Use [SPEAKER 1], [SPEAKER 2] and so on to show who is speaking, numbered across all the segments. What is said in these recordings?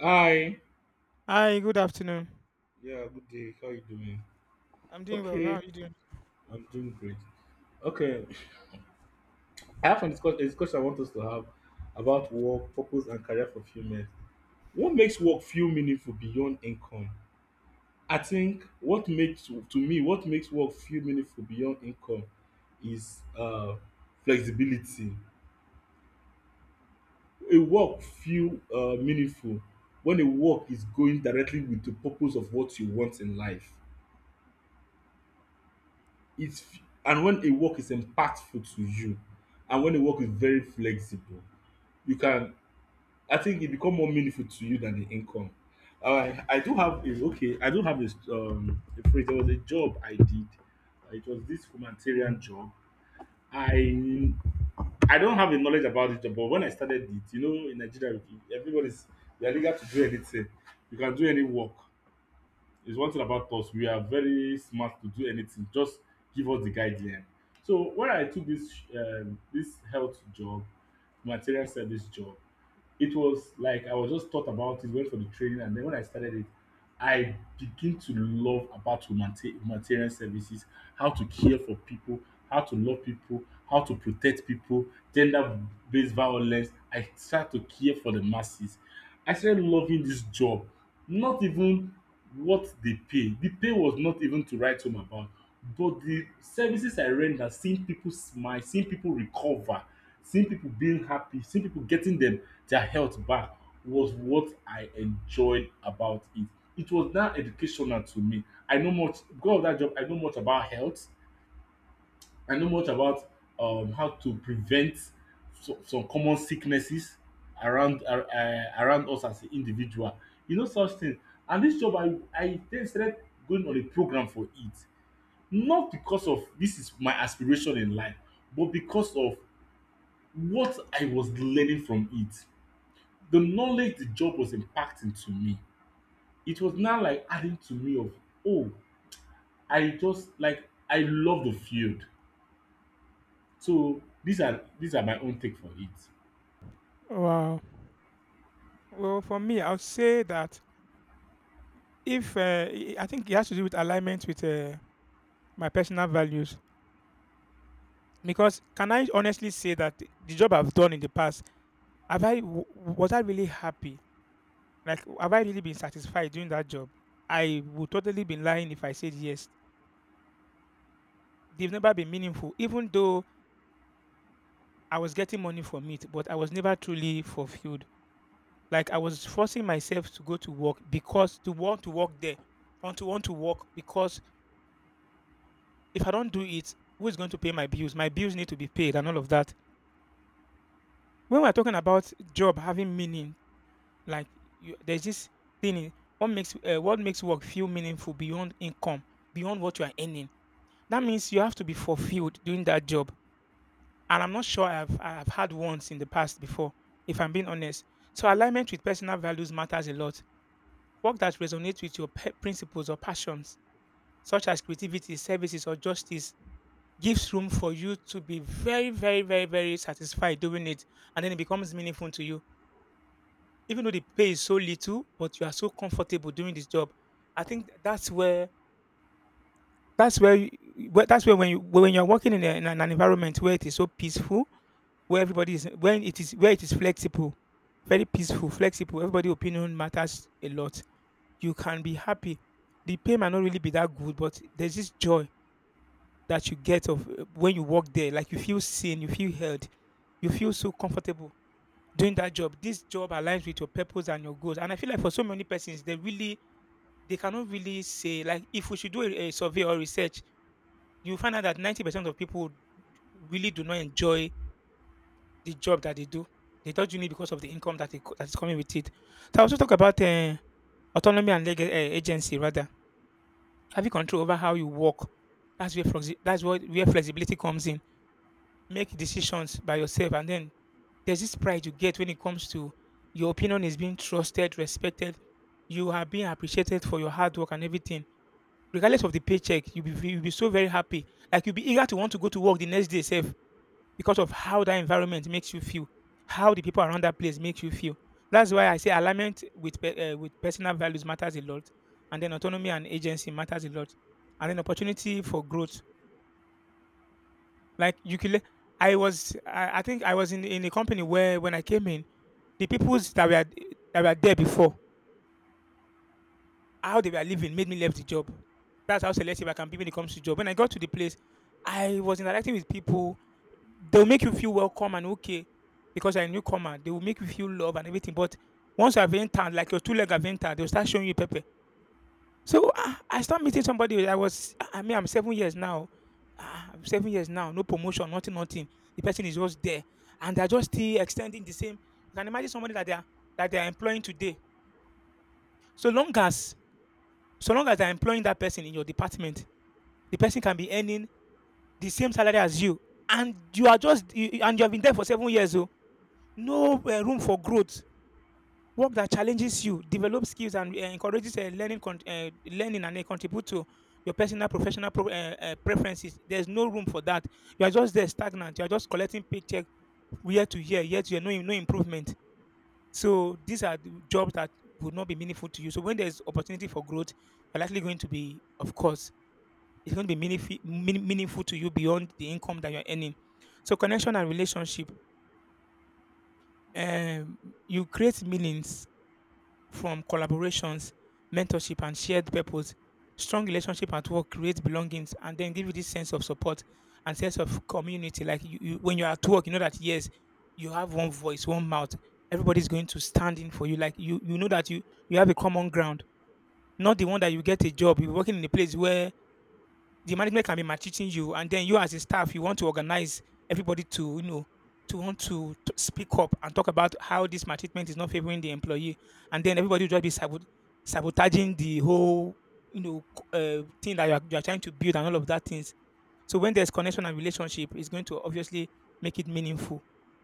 [SPEAKER 1] Hi.
[SPEAKER 2] Hi, good afternoon.
[SPEAKER 1] Yeah, good day. How you doing?
[SPEAKER 2] I'm doing well. How
[SPEAKER 1] Okay,
[SPEAKER 2] are you doing?
[SPEAKER 1] I'm doing great. Okay, I have a discussion I want us to have about work, purpose, and career fulfillment. What makes work feel meaningful beyond income? I think what makes work feel meaningful beyond income is flexibility. A work feel meaningful when a work is going directly with the purpose of what you want in life. It's and when a work is impactful to you, and when a work is very flexible you can, I think it become more meaningful to you than the income. I do have a, okay, I do have a phrase. There was a job I did. It was this humanitarian job. i I don't have a knowledge about it, but when I started it, you know, in Nigeria, everybody's, you're legal to do anything. You can do any work is one thing about us. We are very smart to do anything. Just give us the guideline. So when I took this this health job, material service job, it was like I was just thought about it, went for the training, and then when I started it, I begin to love about humanitarian services, how to care for people, how to love people, how to protect people, gender-based violence. I start to care for the masses. I started loving this job. Not even what they pay, the pay was not even to write home about, but the services I render, seeing people smile, seeing people recover, seeing people being happy, seeing people getting them their health back, was what I enjoyed about it. It was now educational to me. I know much because of that job, I know much about health, I know much about how to prevent so, some common sicknesses around around us as an individual. You know such thing. And this job, I then started going on a program for it, not because of this is my aspiration in life, but because of what I was learning from it. The knowledge the job was impacting to me, it was now like adding to me of oh, I just like I love the field. So these are my own take for it.
[SPEAKER 2] Wow. Well, for me, I would say that if I think it has to do with alignment with my personal values. Because can I honestly say that the job I've done in the past, was I really happy? Like, have I really been satisfied doing that job? I would totally be lying if I said yes. They've never been meaningful, even though I was getting money from it, but I was never truly fulfilled. Like I was forcing myself to go to work because to want to work there, want to work because if I don't do it, who is going to pay my bills? My bills need to be paid and all of that. When we're talking about job having meaning, like you, there's this thing. What makes work feel meaningful beyond income, beyond what you are earning? That means you have to be fulfilled doing that job. And I'm not sure I've had once in the past before, if I'm being honest. So alignment with personal values matters a lot. Work that resonates with your principles or passions, such as creativity, services, or justice, gives room for you to be very, very, very, very satisfied doing it. And then it becomes meaningful to you. Even though the pay is so little, but you are so comfortable doing this job. I think that's where, you, that's where when you when you're working in an environment where it is so peaceful, where everybody is when it is where it is flexible, very peaceful, flexible. Everybody opinion matters a lot. You can be happy. The pay might not really be that good, but there's this joy that you get of when you work there. Like you feel seen, you feel held, you feel so comfortable doing that job. This job aligns with your purpose and your goals. And I feel like for so many persons, they really they cannot really say, like if we should do a survey or research, you find out that 90% of people really do not enjoy the job that they do. They don't do it because of the income that is coming with it. So I also talk about autonomy and agency, rather. Having control over how you work, that's what where flexibility comes in. Make decisions by yourself, and then there's this pride you get when it comes to your opinion is being trusted, respected. You are being appreciated for your hard work and everything. Regardless of the paycheck, you'll be so very happy. Like you'll be eager to want to go to work the next day, safe because of how that environment makes you feel, how the people around that place makes you feel. That's why I say alignment with personal values matters a lot, and then autonomy and agency matters a lot, and then opportunity for growth. Like you can, le- I was, I think I was in a company where when I came in, the peoples that were there before how they were living made me left the job. That's how selective I can be when it comes to job. When I got to the place, I was interacting with people. They'll make you feel welcome and okay because you're a newcomer. They will make you feel love and everything. But once you have entered, like your two leg have entered, they'll start showing you paper. So ah, I start meeting somebody. I was, I mean, I'm 7 years now. Ah, I'm 7 years now. No promotion, nothing, nothing. The person is just there, and they're just still extending the same. You can imagine somebody that they are employing today. So long as so long as you're employing that person in your department, the person can be earning the same salary as you, and you are just you, you- and you have been there for 7 years. So no room for growth. Work that challenges you, develops skills, and encourages learning, and contribute to your personal professional preferences. There's no room for that. You are just there stagnant. You are just collecting paycheck year to year, yet you're no improvement. So these are the jobs that would not be meaningful to you. So when there's opportunity for growth, you're likely going to be, of course, it's going to be meaningful, meaningful to you beyond the income that you're earning. So connection and relationship, um, you create meanings from collaborations, mentorship, and shared purpose. Strong relationship at work creates belongings and then give you this sense of support and sense of community. Like you when you're at work, you know that yes, you have one voice, one mouth. Everybody's going to stand in for you. Like you know that you have a common ground. Not the one that you get a job. You're working in a place where the management can be maltreating you, and then you as a staff, you want to organize everybody to, you know, to want to, t speak up and talk about how this maltreatment is not favoring the employee, and then everybody will just be sabotaging the whole, you know, thing that you are trying to build and all of that things. So when there's connection and relationship, it's going to obviously make it meaningful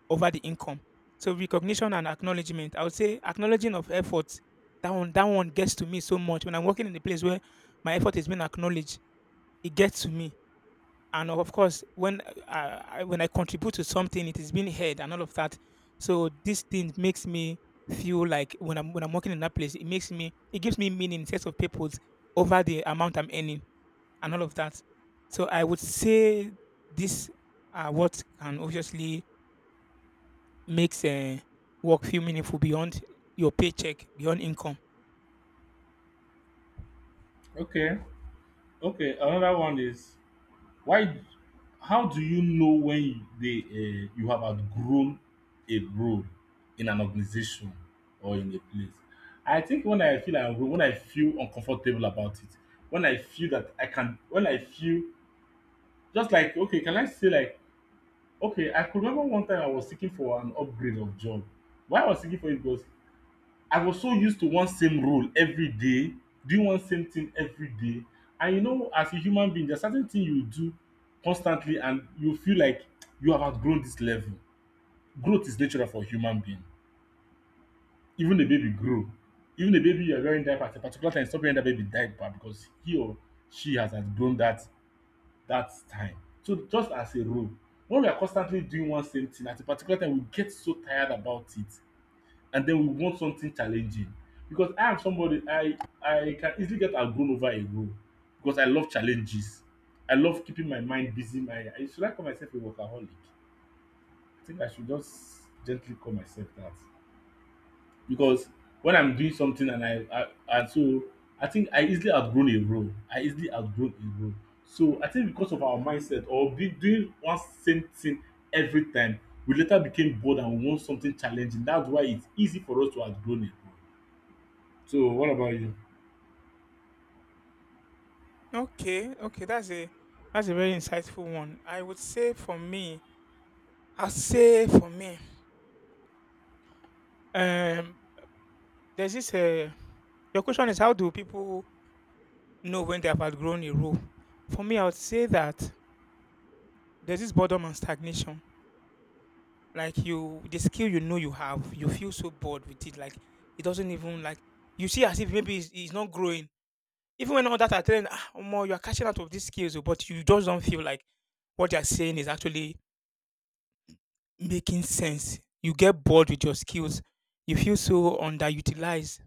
[SPEAKER 2] over the income. So recognition and acknowledgement. I would say acknowledging of efforts. That one gets to me so much when I'm working in a place where my effort is being acknowledged. It gets to me, and of course when I when I contribute to something, it is being heard and all of that. So this thing makes me feel like when I'm working in that place, it makes me it gives me meaning, sense of purpose over the amount I'm earning and all of that. So I would say this are what can obviously makes work feel meaningful beyond your paycheck, beyond income.
[SPEAKER 1] Okay, okay. Another one is, why? How do you know when you have outgrown a role in an organization or in a place? I think when I feel I'm grown, when I feel uncomfortable about it, when I feel that I can, when I feel just like okay, can I say like okay? I could remember one time I was seeking for an upgrade of job. Why I was seeking for it was, I was so used to one same role every day, doing one same thing every day. And you know, as a human being, there's certain thing you do constantly and you feel like you have outgrown this level. Growth is natural for human being. Even a baby grow. Even a baby you're wearing diaper at a particular time, stop wearing that baby diaper because he or she has outgrown that time. So just as a role, when we are constantly doing one same thing at a particular time, we get so tired about it and then we want something challenging, because I am somebody, I can easily get outgrown over a role because I love challenges. I love keeping my mind busy. My I- should I call myself a workaholic? I think I should just gently call myself that because when I'm doing something and I and so I think I easily outgrown a role. I easily outgrown a role. So I think because of our mindset or be doing one same thing every time, we later became bored and we want something challenging. That's why it's easy for us to outgrown a role. So what about you?
[SPEAKER 2] Okay, okay, that's a very insightful one. I would say for me, I'll say for me, um, there's this. Your question is how do people know when they have outgrown a role? For me, I would say that there's this boredom and stagnation. Like you, the skill you know you have, you feel so bored with it. Like it doesn't even like you see as if maybe it's not growing. Even when all that are telling, ah, more you are catching out of these skills, oh," but you just don't feel like what they are saying is actually making sense. You get bored with your skills. You feel so underutilized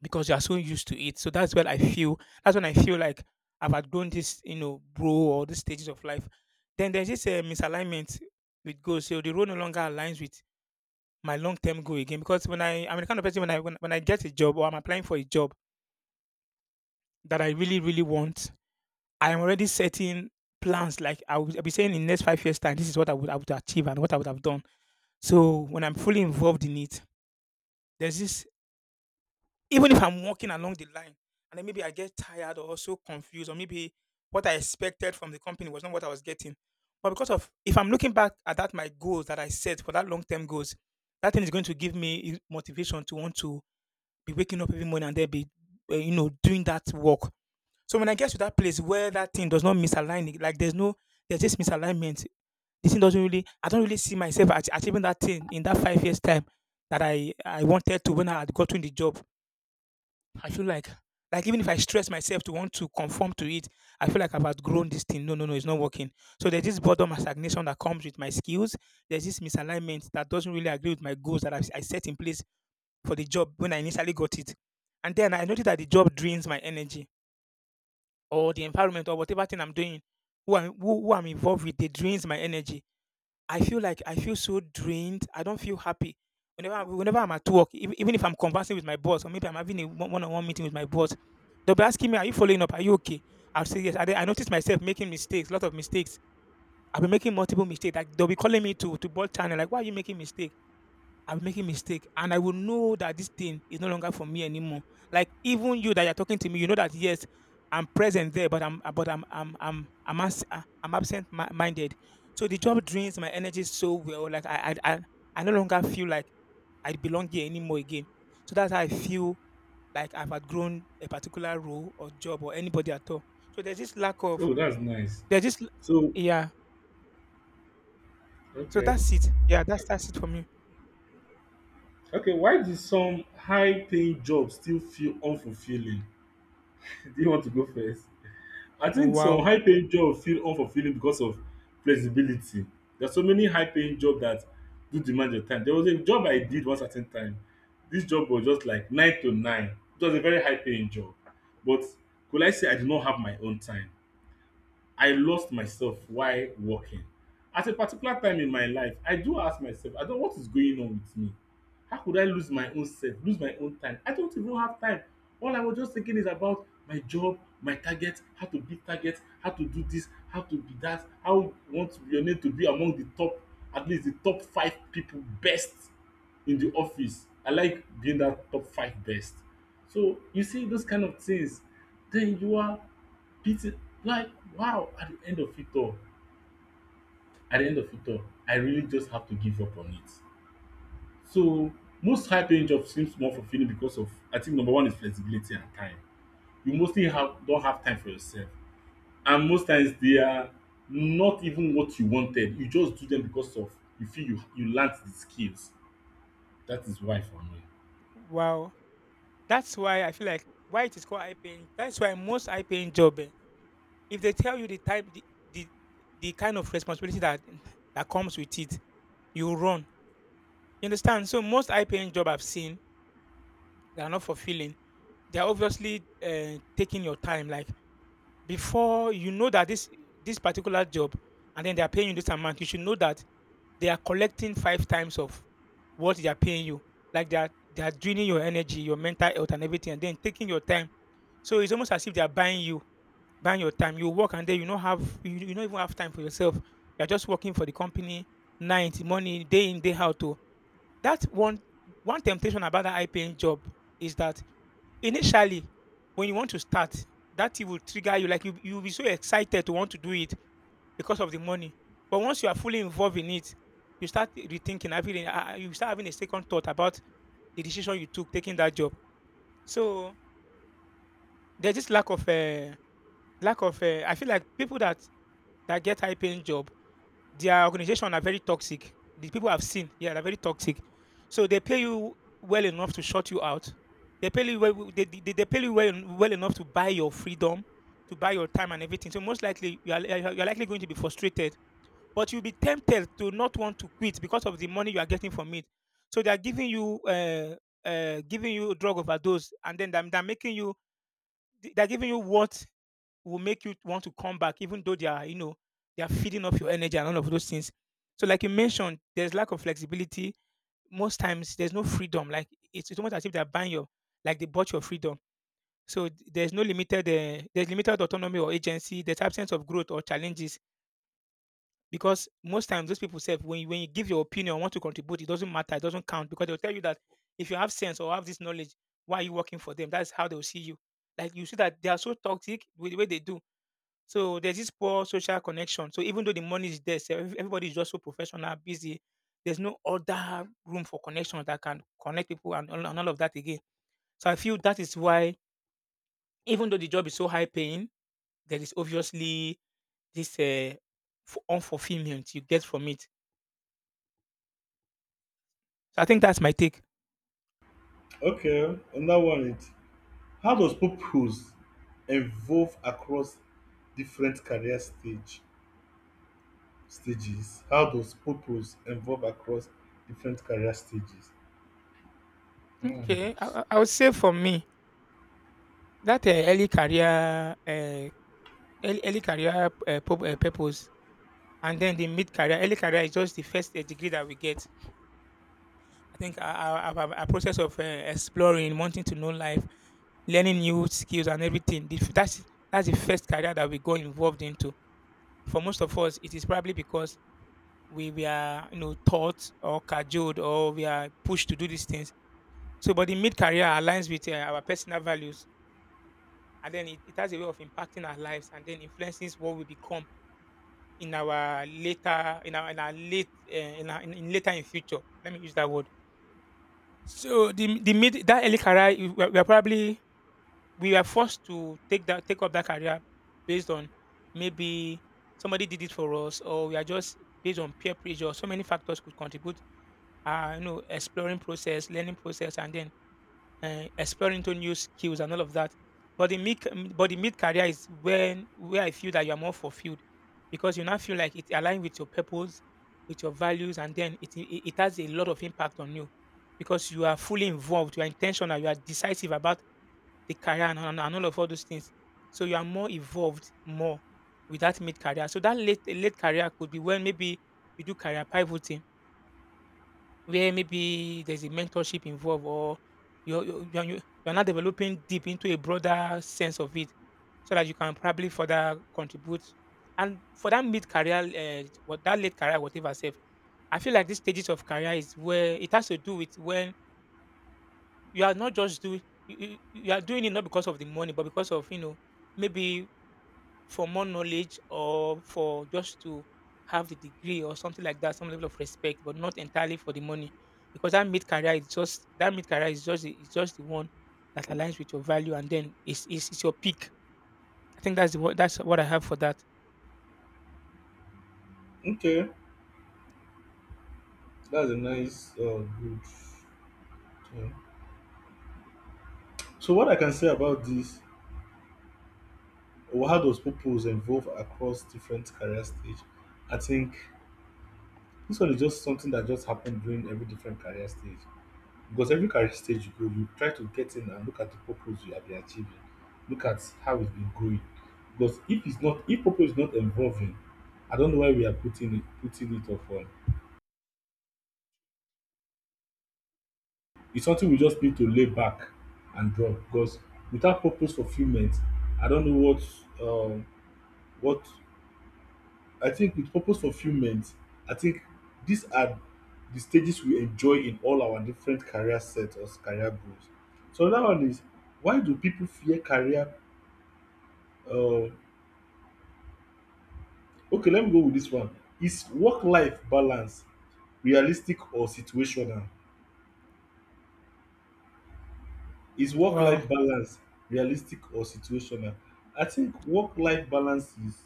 [SPEAKER 2] because you are so used to it. So that's when I feel like I've outgrown this, you know, bro or these stages of life. Then there's this misalignment with goals. So the road no longer aligns with my long-term goal again. Because when I I'm the kind of person when when I get a job or I'm applying for a job that I really really want, I am already setting plans. Like I'll be saying in next 5 years time, this is what I would achieve and what I would have done. So when I'm fully involved in it, there's this. Even if I'm walking along the line and then maybe I get tired or so confused, or maybe what I expected from the company was not what I was getting. But because of if I'm looking back at that my goals that I set for that long term goals, that thing is going to give me motivation to want to be waking up every morning and then be, you know, doing that work. So when I get to that place where that thing does not misalign, it- like there's no there's this misalignment. This thing doesn't really I don't really see myself achieving that thing in that 5 years time that I wanted to when I had gotten the job. I feel like even if I stress myself to want to conform to it, I feel like I've outgrown this thing. No, no, no, it's not working. So there's this boredom and stagnation that comes with my skills. There's this misalignment that doesn't really agree with my goals that I set in place for the job when I initially got it. And then I noticed that the job drains my energy or the environment or whatever thing I'm doing, who I'm involved with, they drains my energy. I feel like I feel so drained. I don't feel happy. Whenever I'm at work, even if I'm conversing with my boss, or maybe I'm having a one-on-one meeting with my boss, they'll be asking me, "Are you following up? Are you okay?" I'll say yes. I noticed myself making mistakes, a lot of mistakes. I've been making multiple mistakes. Like they'll be calling me to board channel, like, "Why are you making mistake?" I am making mistake and I will know that this thing is no longer for me anymore. Like even you that you're talking to me, you know that yes, I'm present there, but I'm, abs- I'm absent minded. So the job drains my energy so well. Like I no longer feel like I belong here anymore again. So that's how I feel like I've outgrown a particular role or job or anybody at all. So there's this lack of
[SPEAKER 1] Oh, that's nice.
[SPEAKER 2] there's this l-
[SPEAKER 1] So
[SPEAKER 2] yeah. So
[SPEAKER 1] okay.
[SPEAKER 2] that's it. Yeah, that's it for me.
[SPEAKER 1] Okay, why do some high-paying jobs still feel unfulfilling? Do you want to go first? I think some
[SPEAKER 2] Wow.
[SPEAKER 1] high-paying jobs feel unfulfilling because of flexibility. There's so many high-paying jobs that do demand your time. There was a job I did one certain time. This job was just like nine to nine. It was a very high-paying job. But could I say I did not have my own time? I lost myself while working. At a particular time in my life, I do ask myself, I don't, what is going on with me? How could I lose my own self, lose my own time? I don't even have time. All I was just thinking is about my job, my target, how to beat target, how to do this, how to be that, how you want your name to be among the top, at least the top five people best in the office. I like being that top five best. So you see those kind of things, then you are beating like wow at the end of it all. At the end of it all, I really just have to give up on it. So most high paying jobs seems more fulfilling because of, I think number one is flexibility and time. You mostly have don't have time for yourself. And most times they are not even what you wanted. You just do them because of, you feel you learnt the skills. That is why for me.
[SPEAKER 2] Wow. That's why I feel like why it is called high paying. That's why most high paying job, eh, if they tell you the type, the the kind of responsibility that comes with it, you run. You understand? So most high paying job I've seen, they are not fulfilling. They are obviously taking your time. Like before you know that this particular job, and then they are paying you this amount, you should know that they are collecting five times of what they are paying you. Like they are draining your energy, your mental health, and everything, and then taking your time. So it's almost as if they are buying you, buying your time. You work and then you don't even have time for yourself. You're just working for the company, night, money, day in, day out. To that one, one temptation about that high paying job is that initially, when you want to start, that it will trigger you. Like you'll be so excited to want to do it because of the money. But once you are fully involved in it, you start rethinking, you start having a second thought about the decision you took taking that job. So there's this lack of lack of, eh, I feel like people that get high paying job, their organization are very toxic. The people I've seen, yeah, they're very toxic. So they pay you well enough to shut you out. They pay you well. They pay you well, well enough to buy your freedom, to buy your time and everything. So most likely you are likely going to be frustrated, but you'll be tempted to not want to quit because of the money you are getting from it. So they are giving you drug overdose, and then they're making you they're giving you what will make you want to come back, even though they are, you know, they are feeding off your energy and all of those things. So, like you mentioned, there's lack of flexibility. Most times, there's no freedom. Like it's almost as if they're buying your, like they bought your freedom. So there's no limited, there's limited autonomy or agency. There's absence of growth or challenges because most times those people say when you give your opinion, want to contribute, it doesn't matter, it doesn't count because they'll tell you that if you have sense or have this knowledge, why are you working for them? That's how they'll see you. Like you see that they are so toxic with the way they do, so there's this poor social connection. So even though the money is there, so everybody is just so professional, busy. There's no other room for connection that can connect people and all of that again. So I feel that is why, even though the job is so high paying, there is obviously this unfulfillment you get from it. So I think that's my take.
[SPEAKER 1] Okay, another one it, how does purpose evolve across different career stage stages? How does purpose evolve across different career stages?
[SPEAKER 2] Okay,
[SPEAKER 1] Hmm.
[SPEAKER 2] I would say for me that early career, early career purpose, and then the mid career. Early career is just the first degree that we get. I think a process of exploring, wanting to know life, learning new skills and everything. That's the first career that we go involved into. For most of us, it is probably because we are, you know, taught or cajoled or we are pushed to do these things. So, but the mid career aligns with our personal values, and then it has a way of impacting our lives, and then influences what we become in our later in our late in, our, in later in future. Let me use that word. So the mid that early career we were probably we were forced to take up that career based on maybe somebody did it for us or we are just based on peer pressure. So many factors could contribute. You know, exploring process, learning process, and then exploring into new skills and all of that. But the mid, but the mid career is when where I feel that you are more fulfilled because you now feel like it aligns with your purpose, with your values, and then it has a lot of impact on you because you are fully involved, you are intentional, you are decisive about the career and all of all those things. So you are more evolved more with that mid career. So that late career could be when maybe you do career pivoting where maybe there's a mentorship involved or you're not developing deep into a broader sense of it so that you can probably further contribute. And for that mid career, what that late career, whatever, self, I feel like these stages of career is where it has to do with when you are not just doing, you are doing it not because of the money, but because of, you know, maybe for more knowledge or for just to have the degree or something like that, some level of respect, but not entirely for the money. Because that mid career is just the one that aligns with your value, and then it's your peak. I think that's the what that's what I have for that.
[SPEAKER 1] Okay, that's a nice, good thing. So what I can say about this, or how does purpose evolve across different career stage? I think this one is just something that just happened during every different career stage. Because every career stage you go, you try to get in and look at the purpose you have been achieving, look at how it's been growing. Because if it's not, if purpose is not involving, I don't know why we are putting it up on. It's something we just need to lay back and draw because without purpose fulfillment, I don't know what, um what, I think with purpose fulfillment, I think these are the stages we enjoy in all our different career set or career goals. So another one is, why do people fear career, Uh, okay, let me go with this one. Is work life balance realistic or situational? Is work
[SPEAKER 2] Wow.
[SPEAKER 1] life balance realistic or situational? I think work life balance is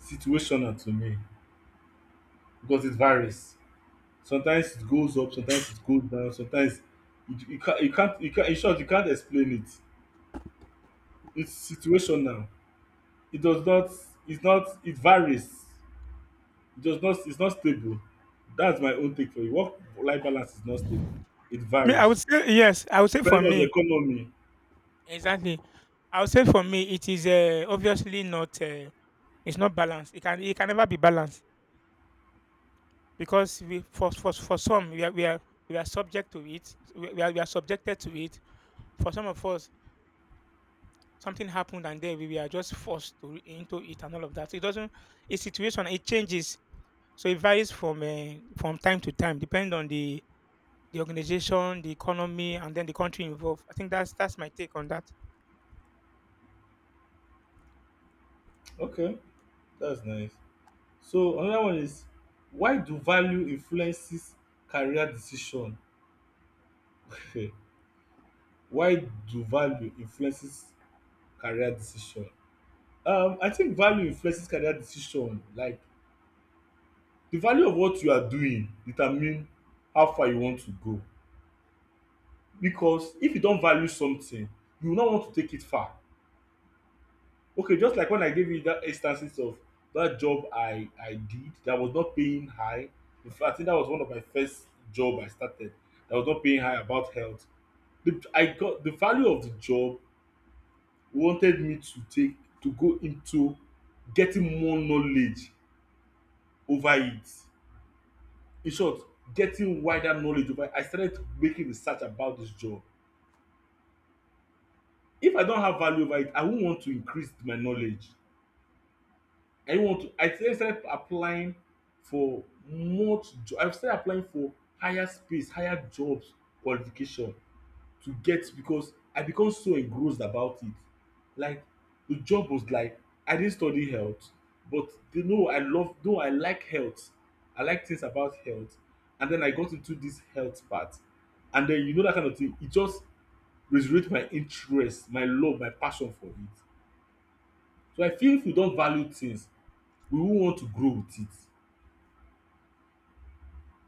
[SPEAKER 1] situational to me because it varies. Sometimes it goes up, sometimes it goes down, sometimes it, you, can't, in short, you can't explain it. It's situational. It does not, it's not, it varies. Just not, it's not stable. That's my own take for it. Work-life balance is not stable. It
[SPEAKER 2] Me, I would
[SPEAKER 1] varies
[SPEAKER 2] say yes. I would say for
[SPEAKER 1] depending on the
[SPEAKER 2] me
[SPEAKER 1] economy.
[SPEAKER 2] exactly. I would say for me it is obviously not. It's not balanced. It can never be balanced because we for some we are we are subject to it. We are subjected to it. For some of us, something happened and then we are just forced to into it and all of that. So it doesn't. It's situation. It changes. So it varies from time to time, depending on the organization, the economy, and then the country involved. I think that's my take on that.
[SPEAKER 1] Okay, that's nice. So another one is, why do value influences career decision? Okay, why do value influences career decision? I think value influences career decision. Like the value of what you are doing determine how far you want to go. Because if you don't value something, you will not want to take it far. Okay, just like when I gave you that instances of that job I did that was not paying high. In fact, I think that was one of my first job I started that was not paying high about health. The I got the value of the job wanted me to take to go into getting more knowledge over it. In short, getting wider knowledge over it. I started making research about this job. If I don't have value over it, I won't want to increase my knowledge. I want to I then started applying for much jo, I started applying for higher space, higher jobs qualification to get because I become so engrossed about it. Like the job was like I didn't study health but they know I love though I like health. I like things about health and then I got into this health part and then you know that kind of thing, it just resurrect my interest, my love, my passion for it. So I feel if we don value things, we won't want to grow with it.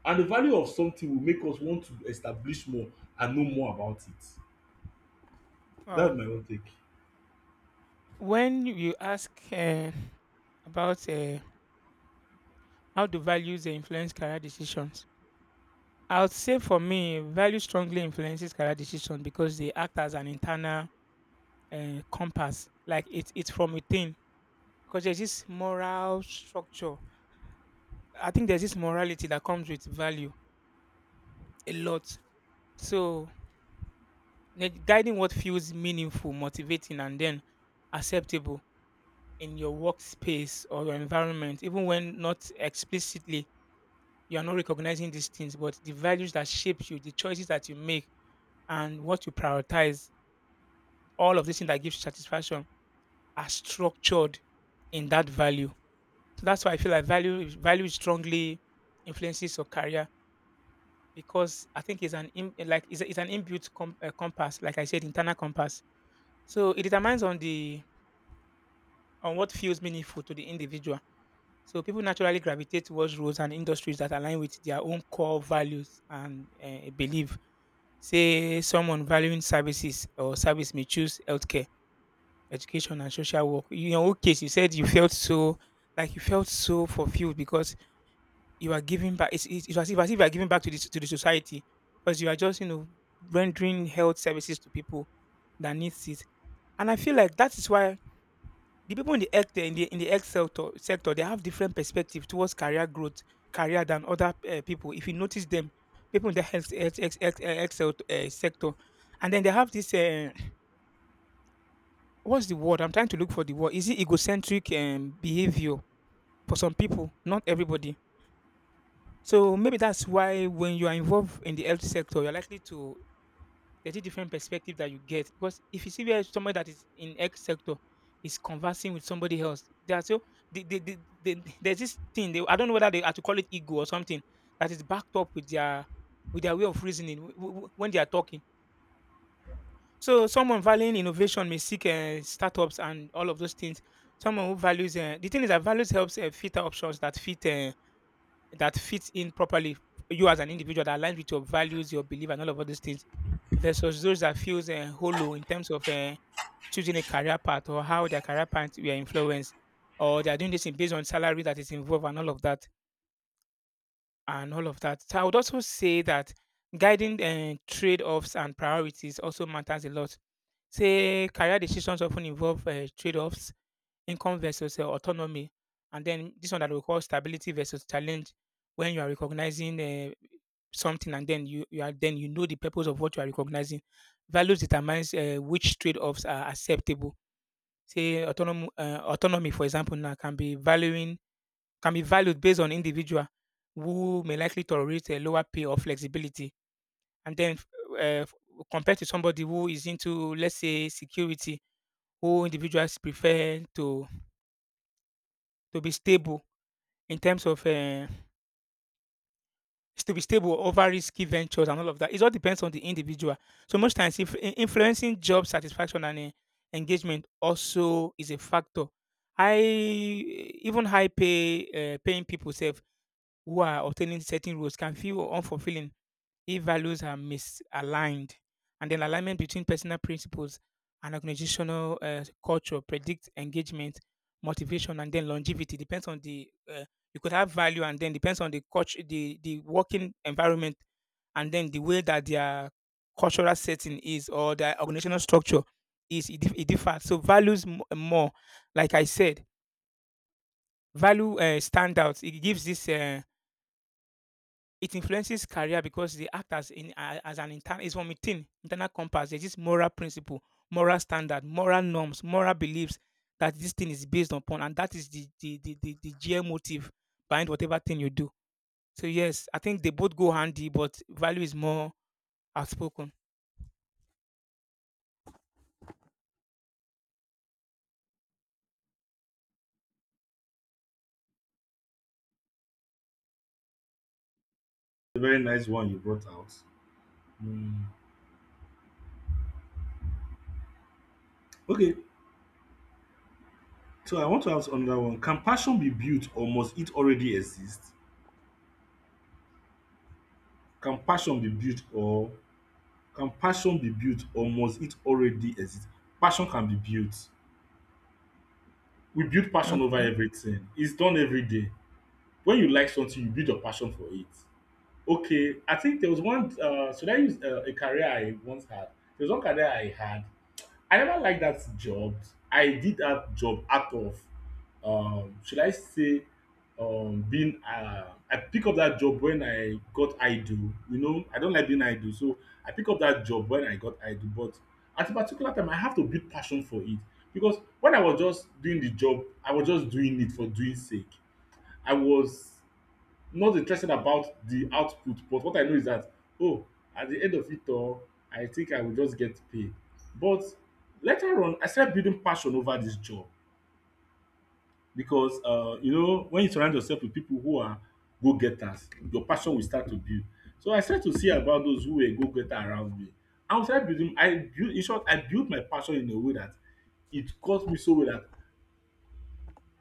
[SPEAKER 1] And the value of something will make us want to establish more and know more about it.
[SPEAKER 2] Uh,
[SPEAKER 1] That's my own take.
[SPEAKER 2] when you ask about how do values influence career decisions, I would say for me, values strongly influences career decisions because they act as an internal compass. Like it's from within because there's this moral structure. I think there's this morality that comes with value a lot. So guiding what feels meaningful, motivating, and then acceptable in your workspace or your environment, even when not explicitly, you are not recognizing these things, but the values that shape you, the choices that you make, and what you prioritize, all of these things that gives you satisfaction are structured in that value. So that's why I feel like value strongly influences your career because I think it's an in, it's an inbuilt compass, like I said, internal compass. So it determines on the on what feels meaningful to the individual. So people naturally gravitate towards roles and industries that align with their own core values and belief. Say someone valuing services or service may choose healthcare, education, and social work. You- In your case, you said you felt so like you felt so fulfilled because you are giving back. It's as if you are giving back to the society because you are just, you know, rendering health services to people that needs it. And I feel like that is why the people in the health in the health sector, they have different perspective towards career growth, career than other people. If you notice them, people in the health sector, and then they have this what's the word? I'm trying to look for the word. Is it egocentric behavior for some people? Not everybody. So maybe that's why when you are involved in the health sector, you're likely to, there's a different perspective that you get, because if you see where somebody that is in X sector is conversing with somebody else, they are so, the the the there's this thing they, I don't know whether they are to call it ego or something that is backed up with their way of reasoning when they are talking. So someone valuing innovation may seek startups and all of those things. Someone who values the thing is that values helps filter options that fits in properly, you as an individual that aligns with your values, your belief, and all of those things, versus those that feels hollow in terms of choosing a career path or how their career path were influenced, or they are doing this in based on salary that is involved and all of that and all of that. So I would also say that guiding trade-offs and priorities also matters a lot. Say career decisions often involve trade-offs, income versus autonomy, and then this one that we call stability versus challenge. When you are recognizing something, and then you are then you know the purpose of what you are recognizing. Values determines which trade-offs are acceptable. Say autonomy, for example, now can be valuing, can be valued based on individual who may likely tolerate a lower pay or flexibility, and then uh, compared to somebody who is into, let's say, security, who individuals prefer to be stable in terms of to be stable over risky ventures and all of that. It all depends on the individual. So most times, if in- influencing job satisfaction and engagement also is a factor. Even high paying people self who are obtaining certain roles can feel unfulfilling if values are misaligned, and then alignment between personal principles and organizational culture predict engagement, motivation, and then longevity. Depends on the you could have value, and then depends on the culture, the working environment, and then the way that their cultural setting is or their organizational structure is. It differs. So values more, like I said, value standouts. It gives this. It influences career because they act as as an internal. It's from within, internal compass. There's this moral principle, moral standard, moral norms, moral beliefs that this thing is based upon, and that is the GM motive behind whatever thing you do. So yes, I think they both go handy, but value is more outspoken.
[SPEAKER 1] A very nice one you brought out. Mm. Okay, so I want to ask another one. Can passion be built or must it already exist? Can passion be built or can passion be built or must it already exist? Passion can be built. We build passion over
[SPEAKER 2] Okay.
[SPEAKER 1] everything. It's done every day. When you like something, you build your passion for it. Okay, I think there was one. Should I use a career I once had? There was one career I had, I never liked that job. I did that job out of, should I say, being I pick up that job when I got idle. You know, I don't like being idle. So I pick up that job when I got idle. But at a particular time I have to build passion for it because when I was just doing the job, I was just doing it for doing sake. I was not interested about the output but what I know is that, oh, at the end of it all I think I will just get pay, but later on I started building passion over this job because you know when you surround yourself with people who are go getters, your passion will start to build. So I start to see about those who were go getter around me, and we started building, I build in short I build my passion in a way that it cut me so well that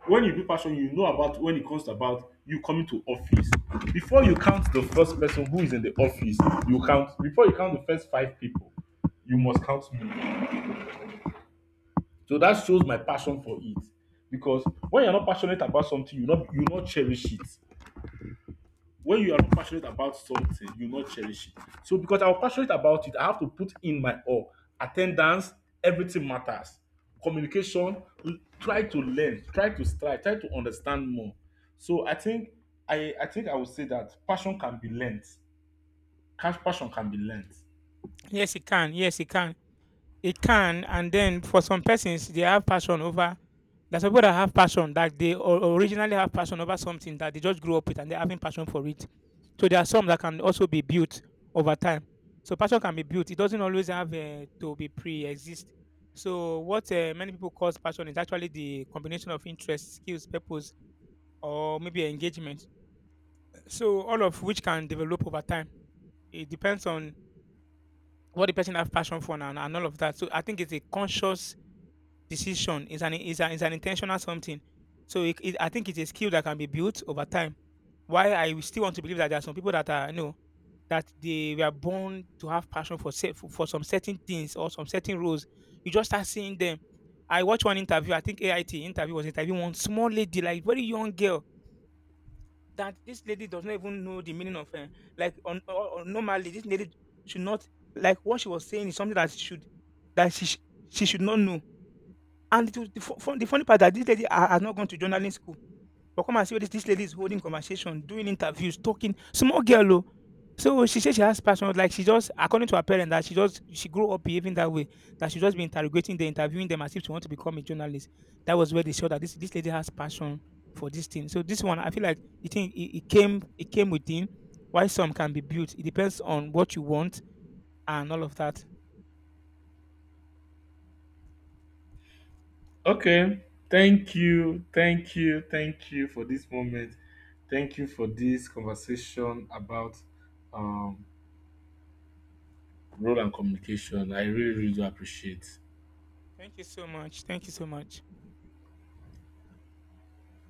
[SPEAKER 1] when you do passion, you know about when it comes about you coming to office. Before you count the first person who is in the office, you count before you count the first five people, you must count me. So that shows my passion for it. Because when you're not passionate about something, you not cherish it. When you are not passionate about something, you will not cherish it. So because I was passionate about it, I have to put in my all. Attendance, everything matters. Communication, l- try to learn, try to strive, try to understand more. So I think I would say that passion can be learned. Cash passion can be learned.
[SPEAKER 2] Yes, it can. Yes, it can. It can, and then for some persons, they have passion over. There's people that have passion that they originally have passion over something that they just grew up with and they're having passion for it. So there are some that can also be built over time. So passion can be built. It doesn't always have to be pre-exist. So what many people call passion is actually the combination of interest, skills, purpose, or maybe engagement. So all of which can develop over time. It depends on what the person have passion for, and all of that. So I think it's a conscious decision. It's an intentional something. So I think it's a skill that can be built over time. Why I will still want to believe that there are some people that are you know that they were born to have passion for for some certain things or some certain roles. You just start seeing them. I watched one interview. I think AIT interview was interviewing one small lady, like very young girl. That this lady does not even know the meaning of like on normally this lady should not, like what she was saying is something that should that she sh- she should not know, and it was the fu fun the funny part that this lady ha has not gone to journalism school, but come and see what this lady is holding conversation, doing interviews, talking. Small girl oh. So she said she has passion, like she just, according to her parents, that she grew up behaving that way, that she just be interrogating them, interviewing them as if she want to become a journalist. That was where they saw that this lady has passion for this thing. So this one, I feel like the thing it came within, why some can be built. It depends on what you want and all of that.
[SPEAKER 1] Okay. Thank you. Thank you. Thank you for this moment. Thank you for this conversation about um, role and communication. I really, really do appreciate.
[SPEAKER 2] Thank you so much. Thank you so much.